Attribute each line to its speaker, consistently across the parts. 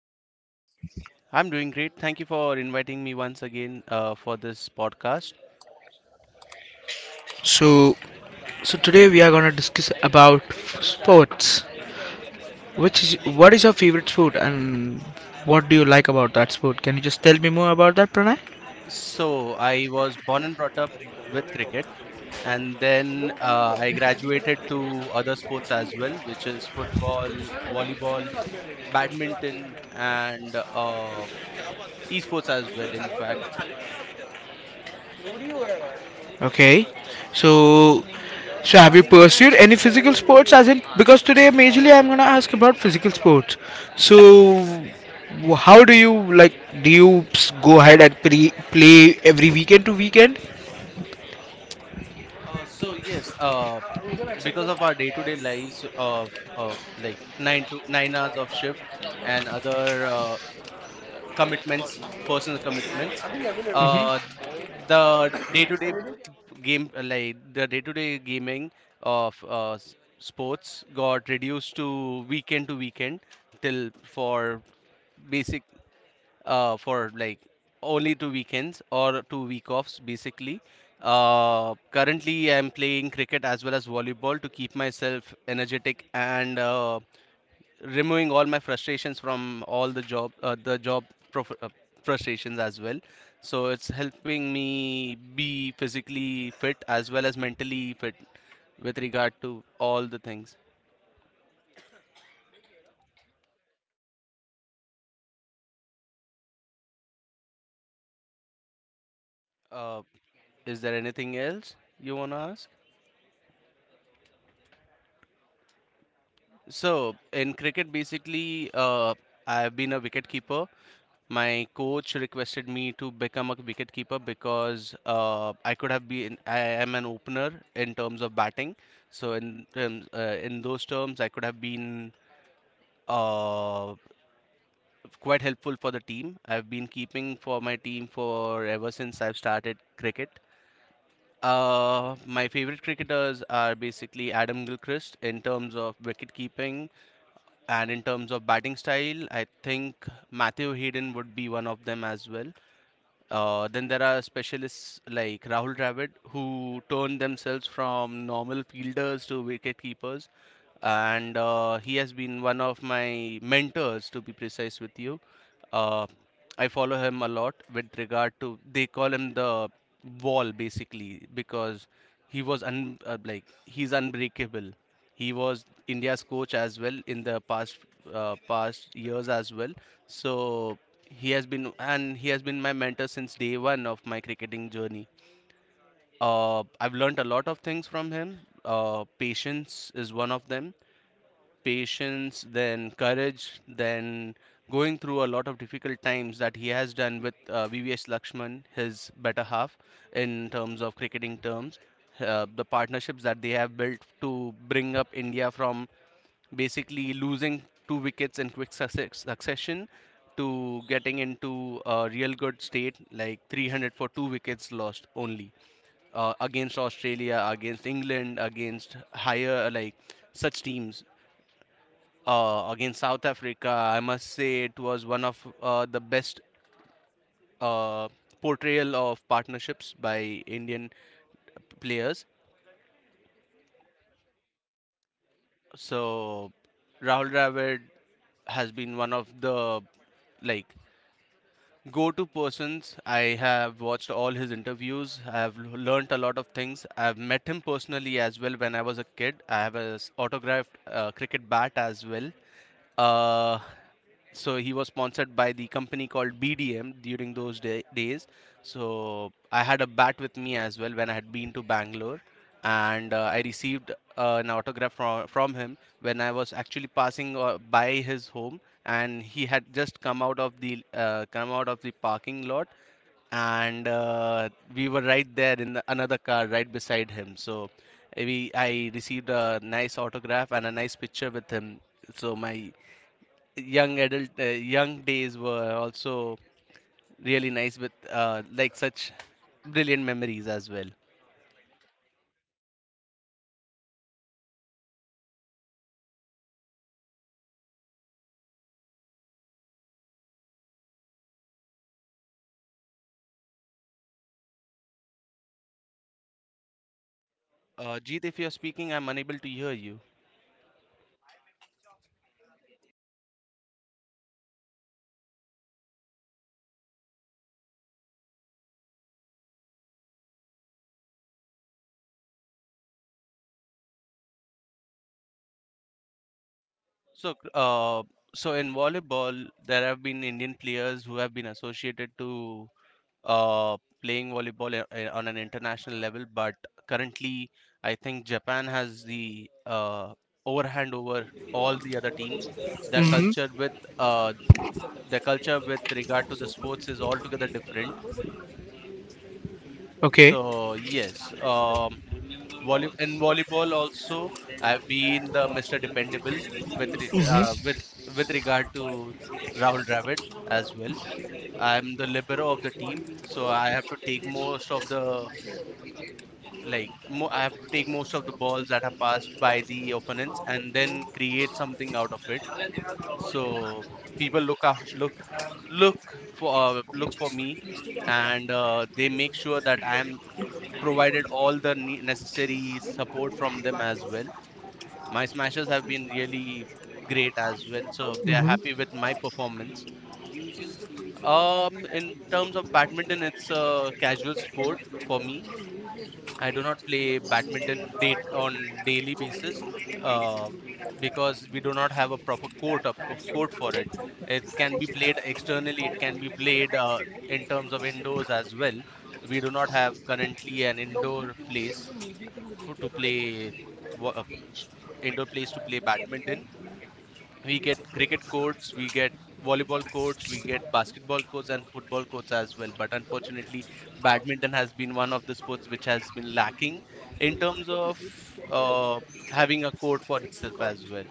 Speaker 1: How are you doing?
Speaker 2: I'm doing great. Thank you for inviting me once again for this podcast.
Speaker 1: So, so today we are gonna discuss about sports. Which is what is your favorite sport and what do you like about that sport? Can you just tell me more about that, Pranay?
Speaker 2: So, I was born and brought up with cricket, and then I graduated to other sports as well, which is football, volleyball, badminton, and esports as well, in fact.
Speaker 1: Okay. So, so have you pursued any physical sports? As in, because today majorly I'm gonna ask about physical sports. So, how do you like? Do you go ahead and play every weekend to weekend?
Speaker 2: So yes, because of our day-to-day lives of like 9 to 9 hours of shift and other commitments, personal commitments. Uh, the day-to-day game, like the day-to-day gaming of sports, got reduced to weekend till for basic for like only two weekends or 2 week offs basically. Currently, I'm playing cricket as well as volleyball to keep myself energetic and removing all my frustrations from all the job prof- uh, frustrations as well, so it's helping me be physically fit as well as mentally fit with regard to all the things. uh, is there anything else you want to ask? So in cricket basically, I've been a wicket keeper. My coach requested me to become a wicketkeeper because I could have been I am an opener in terms of batting. So in terms, in those terms, I could have been uh, quite helpful for the team. I've been keeping for my team for ever since I've started cricket. My favorite cricketers are basically Adam Gilchrist in terms of wicket keeping and in terms of batting style. I think Matthew Hayden would be one of them as well. Then there are specialists like Rahul Dravid who turned themselves from normal fielders to wicketkeepers, and he has been one of my mentors, to be precise with you. uh, I follow him a lot with regard to, they call him the wall basically because like he's unbreakable. He was India's coach as well in the past, past years as well. So he has been my mentor since day one of my cricketing journey. Uh, I've learned a lot of things from him. Uh, patience is one of them. Patience, then courage, then going through a lot of difficult times that he has done with VVS Lakshman, his better half, in terms of cricketing terms. The partnerships that they have built to bring up India from basically losing two wickets in quick succession to getting into a real good state, like 300 for two wickets lost only, against Australia, against England, against higher like such teams, against South Africa, I must say it was one of the best uh, portrayal of partnerships by Indian players. So Rahul Dravid has been one of the like go-to persons. I have watched all his interviews. I have learnt a lot of things. I have met him personally as well when I was a kid. I have a autographed cricket bat as well. Uh, so he was sponsored by the company called BDM during those days. So I had a bat with me as well when I had been to Bangalore, and I received an autograph from him when I was actually passing by his home, and he had just come out of the parking lot, and we were right there in the, another car right beside him. So we I received a nice autograph and a nice picture with him. So my young adult young days were also really nice with like such brilliant memories as well. Jeet, if you're speaking, I'm unable to hear you. So, uh, so in volleyball, there have been Indian players who have been associated to uh, playing volleyball on an international level, but currently, I think Japan has the overhand over all the other teams. Their culture with uh, their culture with regard to the sports is altogether different.
Speaker 1: Okay.
Speaker 2: So yes, volleyball also, I've been the Mr. Dependable with re with regard to Rahul Dravid as well. I'm the libero of the team, so I have to take most of the like mo I have to take most of the balls that are passed by the opponents and then create something out of it. So people look up, look look for look for me, and they make sure that I'm provided all the ne necessary support from them as well. My smashers have been really great as well, so they are happy with my performance. In terms of badminton, it's a casual sport for me. I do not play badminton date on daily basis uh, because we do not have a proper court up, of court for it. It can be played externally. It can be played in terms of indoors as well. We do not have currently an indoor place for, to play wa- indoor place to play badminton. We get cricket courts, we get volleyball courts, we get basketball courts and football courts as well. But unfortunately, badminton has been one of the sports which has been lacking in terms of uh, having a court for itself as well.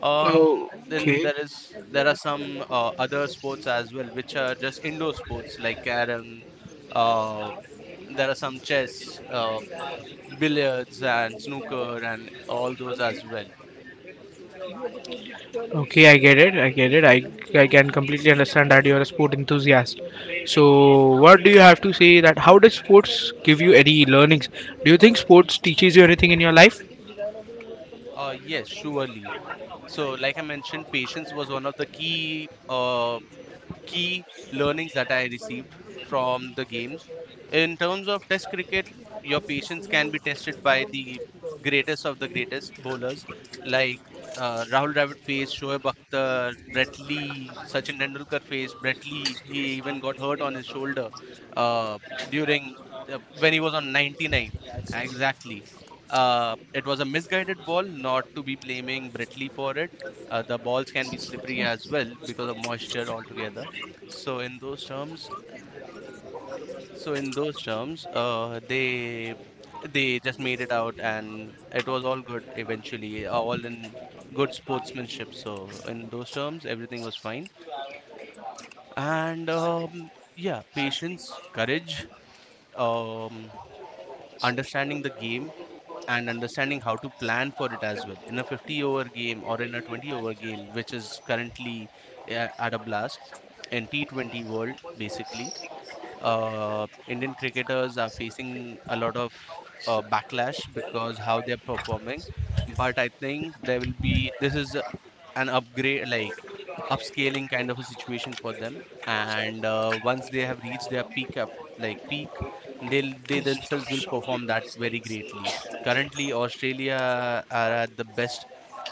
Speaker 1: Oh,
Speaker 2: Then
Speaker 1: okay.
Speaker 2: there is There are some other sports as well which are just indoor sports like carom. Uh, there are some chess, billiards, and snooker, and all those as well.
Speaker 1: Okay, I get it. I get it. I can completely understand that you're a sport enthusiast. So, what do you have to say that how does sports give you any learnings? Do you think sports teaches you anything in your life?
Speaker 2: Yes, surely. So, like I mentioned, patience was one of the key key learnings that I received from the games. In terms of test cricket, your patience can be tested by the greatest of the greatest bowlers like, Rahul Dravid faced Shoaib Akhtar, Brett Lee, Sachin Tendulkar faced Brett Lee. He even got hurt on his shoulder uh, during when he was on 99. Exactly. It was a misguided ball, not to be blaming Brett Lee for it. The balls can be slippery as well because of moisture altogether, so in those terms, so in those terms, uh, they they just made it out, and it was all good eventually, all in good sportsmanship. So in those terms, everything was fine, and yeah, patience, courage, um, understanding the game. And understanding how to plan for it as well in a 50 over game or in a 20 over game, which is currently at a blast in T20 world, basically. Indian cricketers are facing a lot of backlash because how they're performing. But I think there will be, this is an upgrade, like upscaling kind of a situation for them. And once they have reached their peak, peak, they themselves will perform that very greatly. Currently, Australia are at the best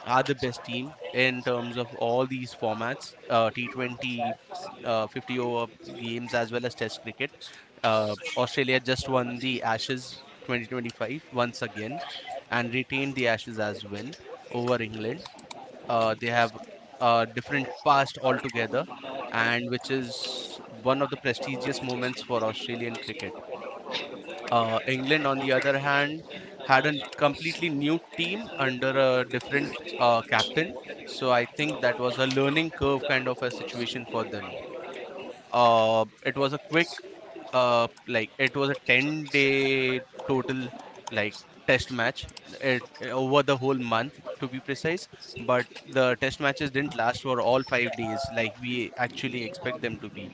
Speaker 2: are the best team in terms of all these formats, T20, 50 over games, as well as Test cricket. Australia just won the Ashes 2025 once again and retained the Ashes as well over England. They have a different past altogether, and which is one of the prestigious moments for Australian cricket. England, on the other hand, had a completely new team under a different captain. So I think that was a learning curve kind of a situation for them. It was a quick, like it was a 10-day total, like test match over the whole month, to be precise. But the test matches didn't last for all 5 days, like we actually expect them to be.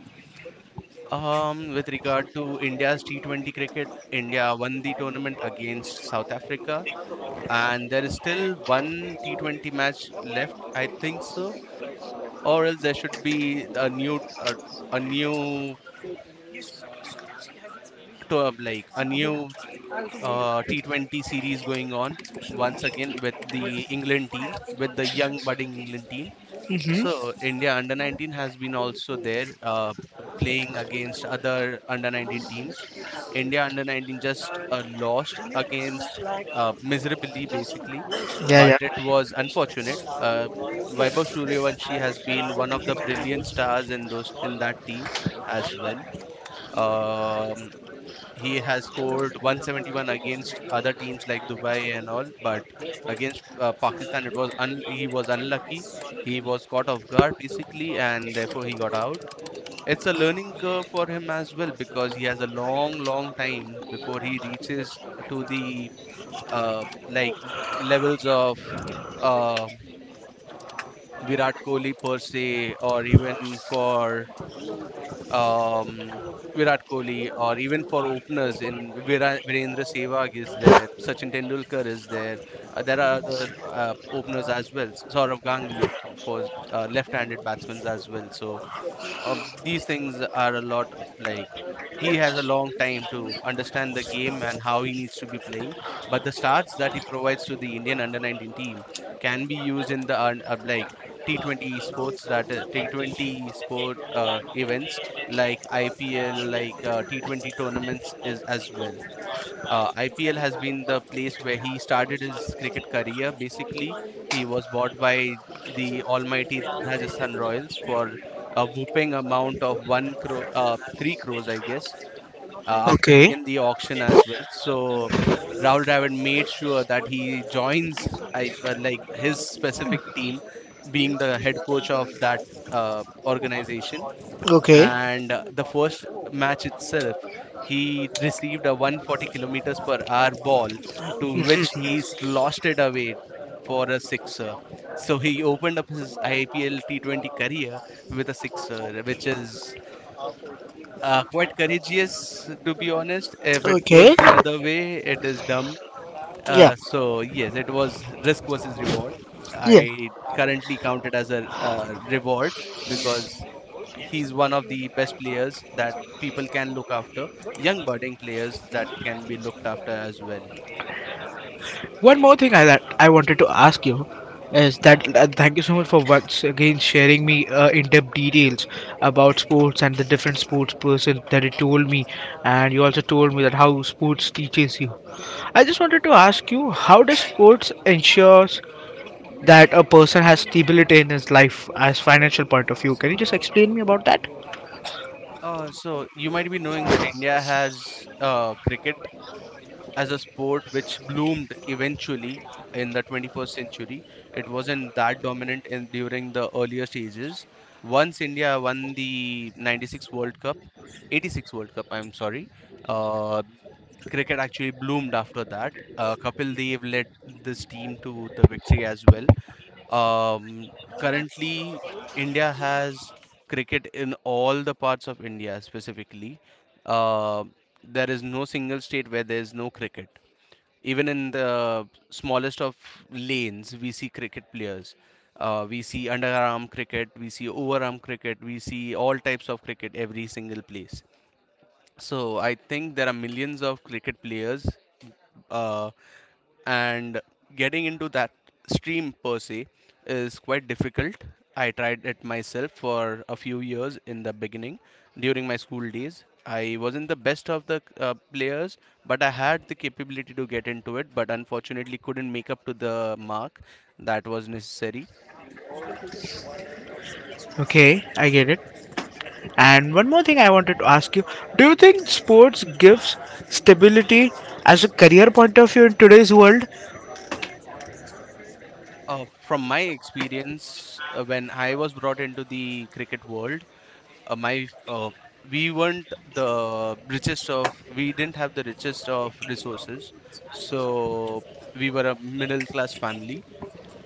Speaker 2: With regard to India's T20 cricket, India won the tournament against South Africa, and there is still one T20 match left, I think so, or else there should be a new to, like a new T20 series going on once again with the England team, with the young budding England team.
Speaker 1: Mm-hmm.
Speaker 2: So India under 19 has been also there playing against other under 19 teams. India under 19 just lost against miserably basically, but
Speaker 1: Yeah,
Speaker 2: it was unfortunate. Vaibhav Suryavanshi has been one of the brilliant stars in those in that team as well. Um, he has scored 171 against other teams like Dubai and all, but against Pakistan, he was unlucky. He was caught off guard basically, and therefore he got out. It's a learning curve for him as well because he has a long, long time before he reaches to the like levels of uh, Virat Kohli per se, or even for um, Virat Kohli, or even for openers. Virendra Sehwag is there, Sachin Tendulkar is there. There are other openers as well. Saurav Ganguly for left-handed batsmen as well. So these things are a lot like he has a long time to understand the game and how he needs to be playing, but the starts that he provides to the Indian under 19 team can be used in the like T20 sports, that T20 sport events like IPL, like T20 tournaments is as well. IPL has been the place where he started his cricket career. Basically, he was bought by the almighty Rajasthan Royals for a whooping amount of one crore, three crores, I guess,
Speaker 1: yeah.
Speaker 2: after the
Speaker 1: Okay.
Speaker 2: in the auction as well. So Rahul Dravid made sure that he joins, like his specific team, being the head coach of that organization.
Speaker 1: Okay.
Speaker 2: And the first match itself, he received a 140 kilometers per hour ball, to which he lost it away for a sixer. So he opened up his IPL T20 career with a sixer, which is quite courageous, to be honest. If it goes
Speaker 1: Okay.
Speaker 2: the other way, it is dumb.
Speaker 1: Yeah.
Speaker 2: So yes, it was risk versus reward.
Speaker 1: Yeah.
Speaker 2: I currently count it as a reward, because he's one of the best players that people can look after, young budding players that can be looked after as well.
Speaker 1: One more thing that I wanted to ask you is that thank you so much for once again sharing me in-depth details about sports and the different sports person that you told me, and you also told me that how sports teaches you. I just wanted to ask you how does sports ensures that a person has stability in his life as financial point of view? Can you just explain me about that?
Speaker 2: So you might be knowing that India has cricket as a sport which bloomed eventually in the 21st century. It wasn't that dominant in during the earlier stages. Once India won the 96 World Cup, 86 World Cup, I'm sorry, uh, cricket actually bloomed after that. Kapil Dev led this team to the victory as well. Um, Currently, India has cricket in all the parts of India specifically. Uh, there is no single state where there is no cricket. Even in the smallest of lanes, we see cricket players. We see underarm cricket, we see overarm cricket, we see all types of cricket every single place. So I think there are millions of cricket players, uh, and getting into that stream per se is quite difficult. I tried it myself for a few years in the beginning during my school days. I wasn't the best of the players, but I had the capability to get into it, but unfortunately couldn't make up to the mark that was necessary.
Speaker 1: Okay, I get it. And one more thing I wanted to ask you, do you think sports gives stability as a career point of view in today's world?
Speaker 2: From my experience, when I was brought into the cricket world, my we weren't the richest of we didn't have the richest of resources. So we were a middle class family.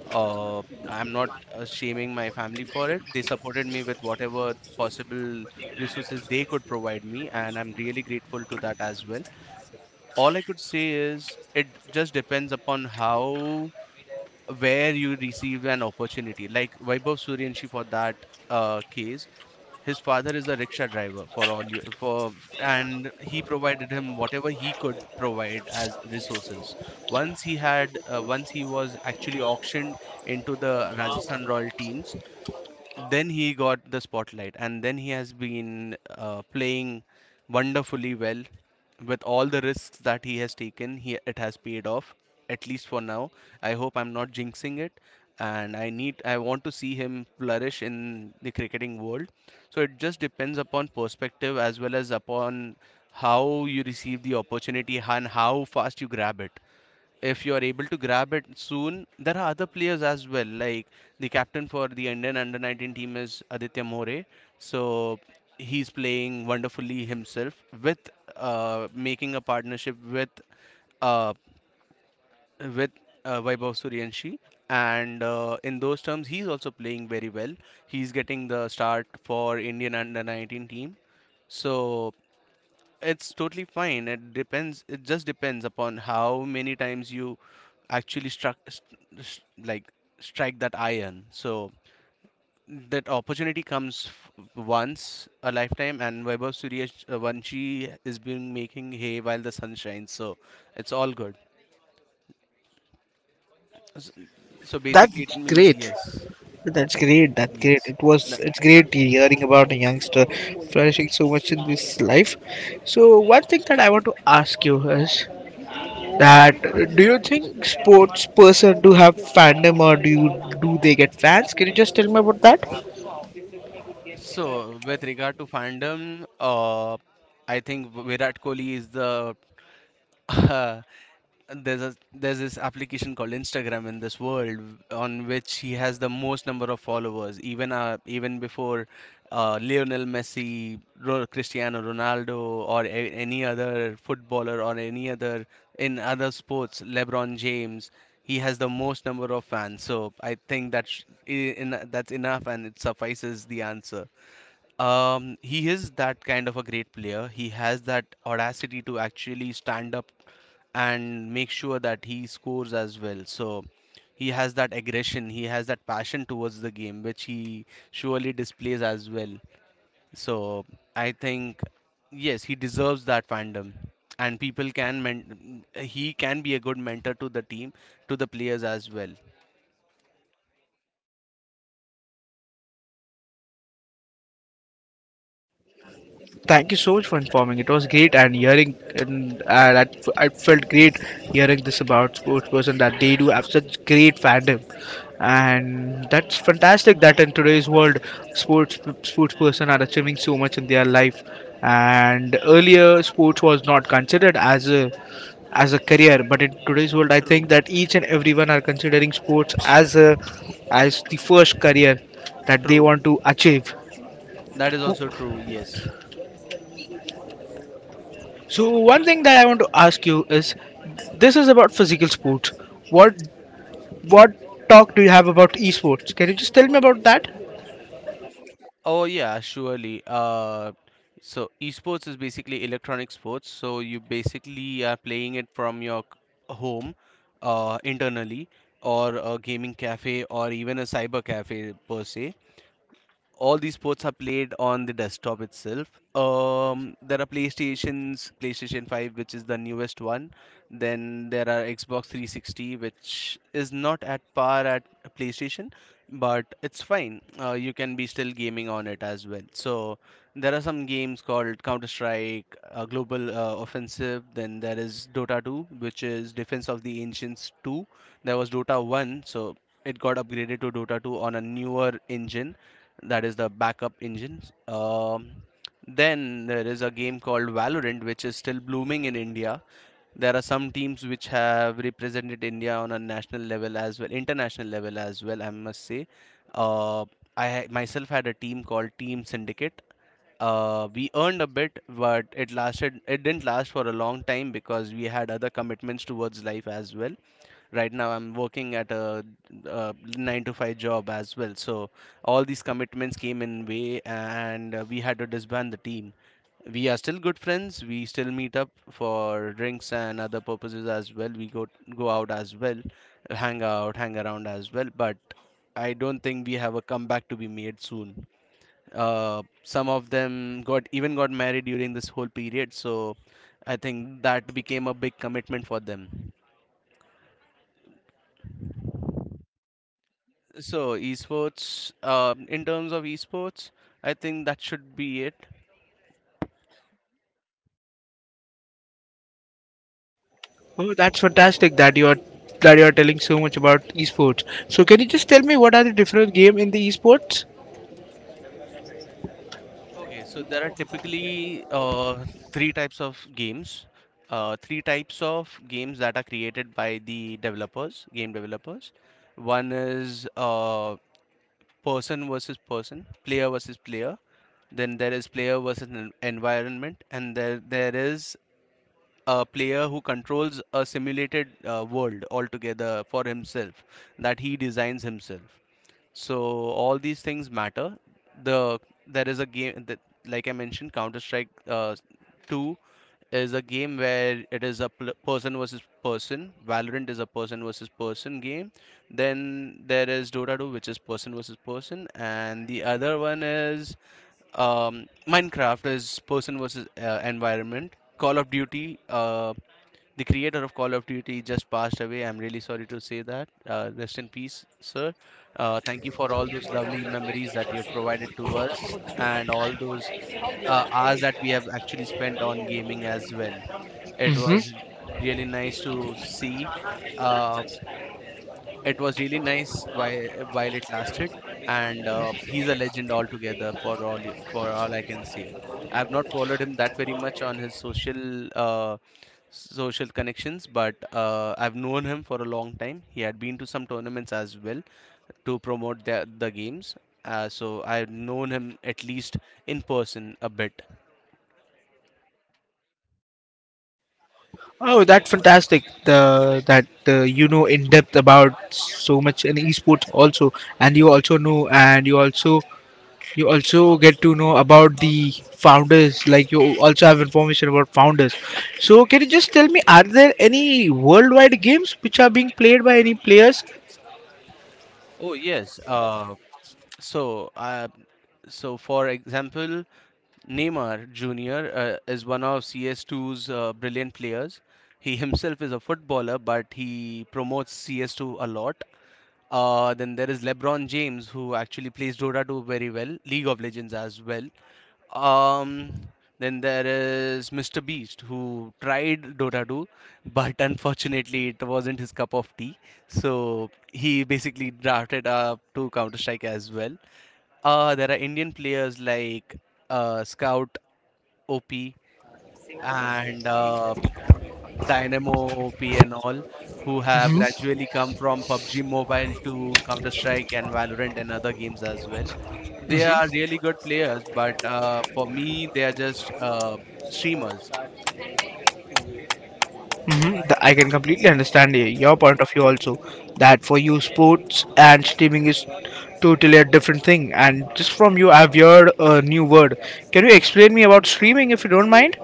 Speaker 2: uh, I'm not shaming my family for it. They supported me with whatever possible resources they could provide me, and I'm really grateful to that as well. All I could say is, it just depends upon how where you receive an opportunity, like Vaibhav Suryanshi for that case. His father is a rickshaw driver, for all you for and he provided him whatever he could provide as resources. Once he was actually auctioned into the Rajasthan Royal teams, then he got the spotlight, and then he has been playing wonderfully well. With all the risks that he has taken, he it has paid off, at least for now. I hope I'm not jinxing it, and I need I want to see him flourish in the cricketing world. So it just depends upon perspective, as well as upon how you receive the opportunity and how fast you grab it. If you are able to grab it soon, there are other players as well. Like the captain for the Indian under 19 team is Aditya More. So he's playing wonderfully himself, with making a partnership with uh, with Vaibhav Suryanshi. And in those terms, he's also playing very well. He's getting the start for Indian under 19 team. So it's totally fine. It depends. It just depends upon how many times you actually struck, st- st- like strike that iron. So that opportunity comes once a lifetime, and Vaibhav Suryavanshi is been making hay while the sun shines. So it's all good. S- So
Speaker 1: That's
Speaker 2: basically, it means
Speaker 1: great.
Speaker 2: yes,
Speaker 1: That's
Speaker 2: yes.
Speaker 1: great. That's
Speaker 2: That-
Speaker 1: great. It was. It's great hearing about a youngster flourishing so much in this life. So one thing that I want to ask you is, that do you think sports person do have fandom or do they get fans? Can you just tell me about that?
Speaker 2: So with regard to fandom, I think Virat Kohli is the uh, there's this application called Instagram in this world, on which he has the most number of followers, even even before Lionel Messi, Cristiano Ronaldo, or any other footballer or any other, in other sports, LeBron James. He has the most number of fans, so I think that's enough and it suffices the answer. He is that kind of a great player. He has that audacity to actually stand up and make sure that he scores as well. So he has that aggression, he has that passion towards the game, which he surely displays as well. So I think, yes, he deserves that fandom. And he can be a good mentor to the team, to the players as well.
Speaker 1: Thank you so much for informing. It was great and hearing, and that I felt great hearing this about sports person that they do have such great fandom, and that's fantastic. That in today's world, sports person are achieving so much in their life, and earlier sports was not considered as a career, but in today's world I think
Speaker 2: True,
Speaker 1: that each and everyone are considering sports as as the first career that they
Speaker 2: true.
Speaker 1: want to achieve.
Speaker 2: That is also true, yes.
Speaker 1: So one thing that I want to ask you is, this is about physical sports. What what talk do you have about esports? Can you just tell me about that?
Speaker 2: Oh yeah, surely. So esports is basically electronic sports. So you basically are playing it from your home, internally, or a gaming cafe, or even a cyber cafe per se. All these sports are played on the desktop itself. There are PlayStations, PlayStation 5, which is the newest one. Then there are Xbox 360, which is not at par at PlayStation, but it's fine. You can be still gaming on it as well. So there are some games called Counter Strike, Global Offensive. Then there is Dota 2, which is Defense of the Ancients 2. There was Dota 1, so it got upgraded to Dota 2 on a newer engine, that is the backup engines. Then there is a game called Valorant, which is still blooming in India. There are some teams which have represented India on a national level as well, international level as well. I must say, uh, I myself had a team called Team Syndicate. We earned a bit, but it lasted. It didn't last for a long time, because we had other commitments towards life as well. Right now I'm working at a 9 to 5 job as well. So all these commitments came in way, and we had to disband the team. We are still good friends. We still meet up for drinks and other purposes as well. We go out as well, hang out, hang around as well. But I don't think we have a comeback to be made soon. Some of them got even got married during this whole period. So I think that became a big commitment for them. So, in terms of esports, I think that should be it.
Speaker 1: Oh, that's fantastic that you are telling so much about esports. So can you just tell me, what are the different game in the esports?
Speaker 2: Okay, so there are typically three types of games, three types of games that are created by the developers, game developers. One is person versus person, player versus player. Then there is player versus environment, and there is a player who controls a simulated world altogether for himself, that he designs himself. So all these things matter. the there is a game that, like I mentioned, Counter Strike 2, is a game where it is a person versus person. Valorant is a person versus person game. Then there is Dota 2, which is person versus person, and the other one is, Minecraft is person versus environment. Call of Duty, the creator of Call of Duty just passed away. I'm really sorry to say that. Rest in peace, sir. Thank you for all those lovely memories that you have provided to us, and all those hours that we have actually spent on gaming as well. It was r- really nice to see uh, it was really nice while it lasted. And he's a legend altogether. For for all I can say, I've not followed him that very much on his uh, social connections, but I've known him for a long time. He had been to some tournaments as well, to promote the games. So I've known him at least in person a bit.
Speaker 1: Oh, that's fantastic. The that you know in depth about so much in esports also, and you also know, and you also get to know about the founders. Like you also have information about founders. So can you just tell me, are there any worldwide games which are being played by any players?
Speaker 2: Oh yes. Uh, so uh, so for example, Neymar Jr. Is one of CS2's brilliant players. He himself is a footballer, but he promotes CS2 a lot. Then there is LeBron James, who actually plays Dota 2 very well, League of Legends as well. Um, then there is Mr. Beast, who tried Dota 2, but unfortunately it wasn't his cup of tea. So he basically drafted up to Counter Strike as well. There are Indian players like Scout OP, and Dynamo OP and all, who have gradually come from PUBG Mobile to Counter Strike and Valorant and other games as well. They are really good players, but for me, they are just streamers.
Speaker 1: Mhm, I can completely understand your point of view also. That for you, sports and streaming is totally a different thing. And just from you, I've heard a new word. Can you explain me about streaming if you don't mind?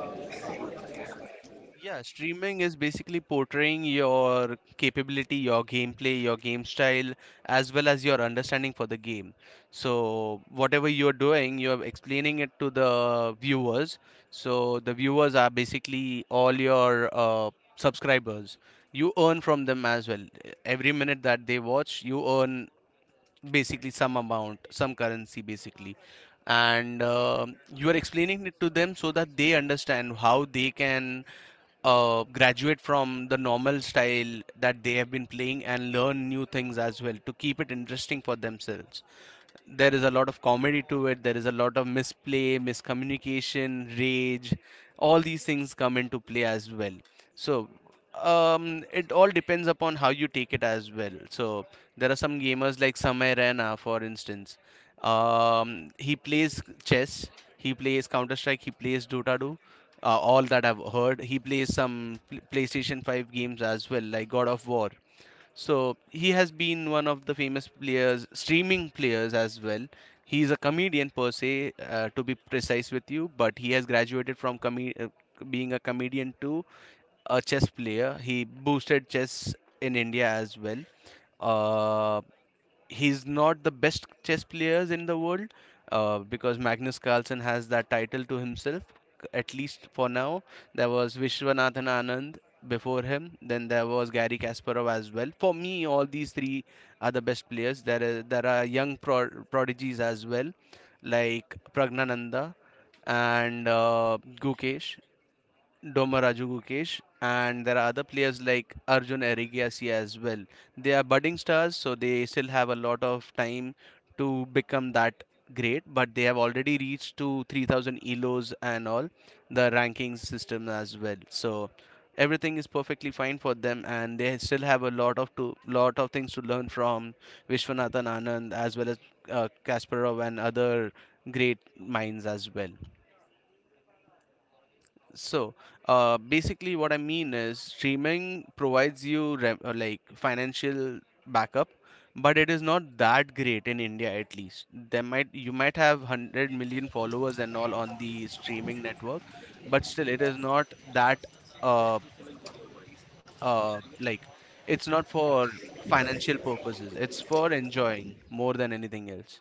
Speaker 2: Yeah, streaming is basically portraying your capability, your gameplay, your game style, as well as your understanding for the game. So, whatever you're doing, you're explaining it to the viewers. So, the viewers are basically all your subscribers. You earn from them as well. Every minute that they watch, you earn basically some amount, some currency, basically. And you are explaining it to them so that they understand how they can graduate from the normal style that they have been playing and learn new things as well to keep it interesting for themselves. There is a lot of comedy to it. There is a lot of misplay, miscommunication, rage, all these things come into play as well. so it all depends upon how you take it as well. So there are some gamers like Samay Rana, for instance. He plays chess, he plays Counter Strike, he plays Dota 2. All that I've heard, he plays some PlayStation 5 games as well, like God of War. So he has been one of the famous players, streaming players as well. He is a comedian per se, to be precise with you, but he has graduated from being a comedian to a chess player. He boosted chess in India as well. Uh, he's not the best chess players in the world, because Magnus Carlsen has that title to himself, at least for now. There was Vishwanathan Anand before him, then there was Gary Kasparov as well. For me, all these three are the best players. There are young prodigies as well, like Pragnananda and Gukesh, Domaraju Gukesh, and there are other players like Arjun Erigiasi as well. They are budding stars, so they still have a lot of time to become that great, but they have already reached to 3000 ELOs and all the ranking system as well. So everything is perfectly fine for them, and they still have a lot of to lot of things to learn from Vishwanathan Anand, as well as Kasparov and other great minds as well. So, basically, what I mean is streaming provides you like financial backup, but it is not that great in India, at least. There might You might have 100 million followers and all on the streaming network, but still it is not that uh uh like it's not for financial purposes. It's for enjoying more than anything else.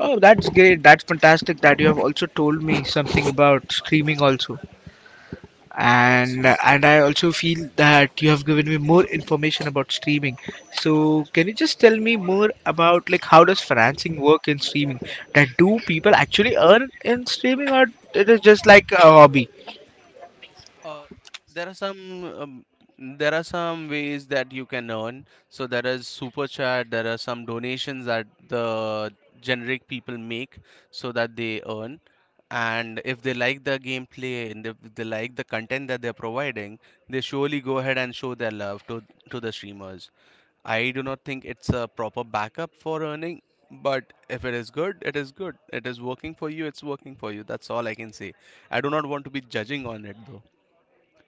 Speaker 1: Oh, that's great. That's fantastic that you have also told me something about streaming also. And I also feel that you have given me more information about streaming. So can you just tell me more about, like, how does financing work in streaming? That do people actually earn in streaming, or it is just like a hobby?
Speaker 2: Uh, there are some there are some ways that you can earn. So there is Super Chat. There are some donations that the generic people make so that they earn. And if they like the gameplay, and if they like the content that they're providing, they surely go ahead and show their love to the streamers. I do not think it's a proper backup for earning, but if it is good, it is good. It is working for you, it's working for you. That's all I can say. I do not want to be judging on it.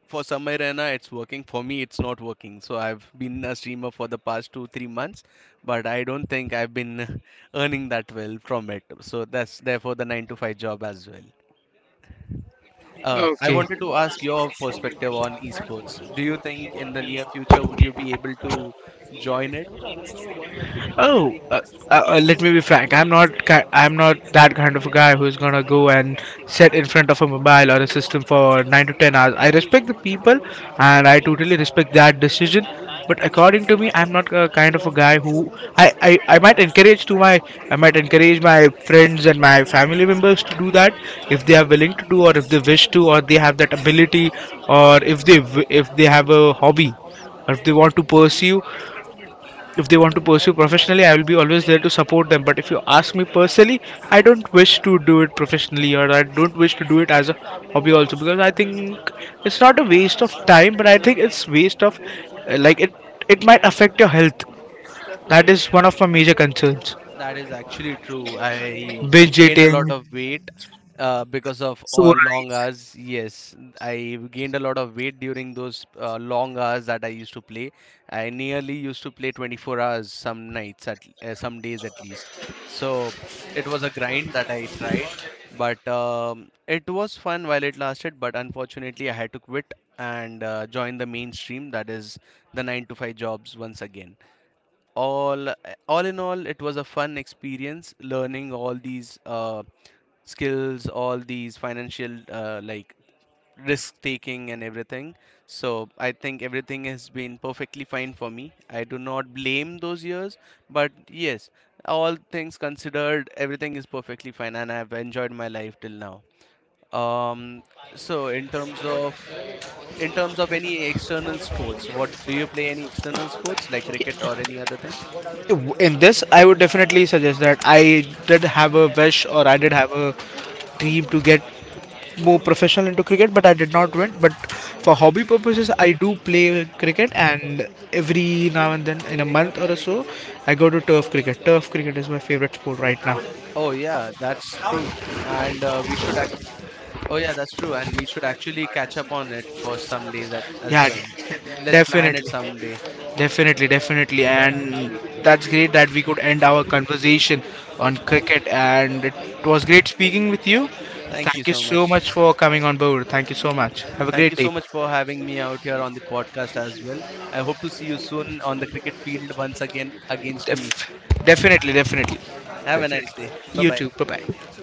Speaker 2: For Samay Rana, it's working. For me, it's not working. So I've been a streamer for the past two, 3 months, but I don't think I've been earning that well from it. So that's therefore the 9 to 5 job as well. I
Speaker 1: Okay.
Speaker 2: wanted to ask your perspective on esports. Do you think in the near future would you be able to join it?
Speaker 1: Oh, let me be frank. I'm not. I'm not that kind of a guy who's gonna go and sit in front of a mobile or a system for 9 to 10 hours. I respect the people, and I totally respect that decision. But according to me, I'm not a kind of a guy who I, I, I might encourage to my I might encourage my friends and my family members to do that if they are willing to do, or if they wish to, or they have that ability, or if they if they have a hobby, or if they want to pursue if they want to pursue professionally. I will be always there to support them. But if you ask me personally, I don't wish to do it professionally, or I don't wish to do it as a hobby also, because I think it's not a waste of time, but I think it's waste of, like, it might affect your health. That is one of my major concerns.
Speaker 2: That is actually true. I
Speaker 1: Binge
Speaker 2: gained a lot
Speaker 1: eating.
Speaker 2: of weight because of
Speaker 1: So
Speaker 2: all long hours. Yes, I gained a lot of weight during those long hours that I used to play. I nearly used to play 24 hours some nights, at some days at least. So it was a grind that I tried, but it was fun while it lasted. But unfortunately, I had to quit and join the mainstream. That is the 9 to 5 jobs once again. all all in all, it was a fun experience, learning all these skills, all these financial risk taking and everything. So I think everything has been perfectly fine for me. I do not blame those years, but yes, all things considered, everything is perfectly fine and I've enjoyed my life till now. um so in terms of any external sports, what do you play? Any external sports, like cricket or any other thing?
Speaker 1: in this I would definitely suggest that I did have a wish, or I did have a dream to get more professional into cricket, but I did not win. But for hobby purposes I do play cricket, and every now and then in a month or so I go to turf cricket. Turf cricket is my favorite sport right now.
Speaker 2: Oh yeah, that's true. And we should act. Oh yeah, that's true. And we should actually catch up on it for some days at, as
Speaker 1: Yeah,
Speaker 2: well. Let's plan it
Speaker 1: definitely.
Speaker 2: someday.
Speaker 1: Definitely, definitely, and that's great that we could end our conversation on cricket. And it was great speaking with you.
Speaker 2: Thank you
Speaker 1: Thank you
Speaker 2: so
Speaker 1: so
Speaker 2: much.
Speaker 1: much for coming on board. Thank you so much. Have a
Speaker 2: Thank
Speaker 1: great
Speaker 2: you
Speaker 1: day.
Speaker 2: so much for having me out here on the podcast as well. I hope to see you soon on the cricket field once again against me.
Speaker 1: Def- Definitely, definitely,
Speaker 2: Have a nice
Speaker 1: definitely.
Speaker 2: day. Bye
Speaker 1: You
Speaker 2: bye.
Speaker 1: too. Bye bye.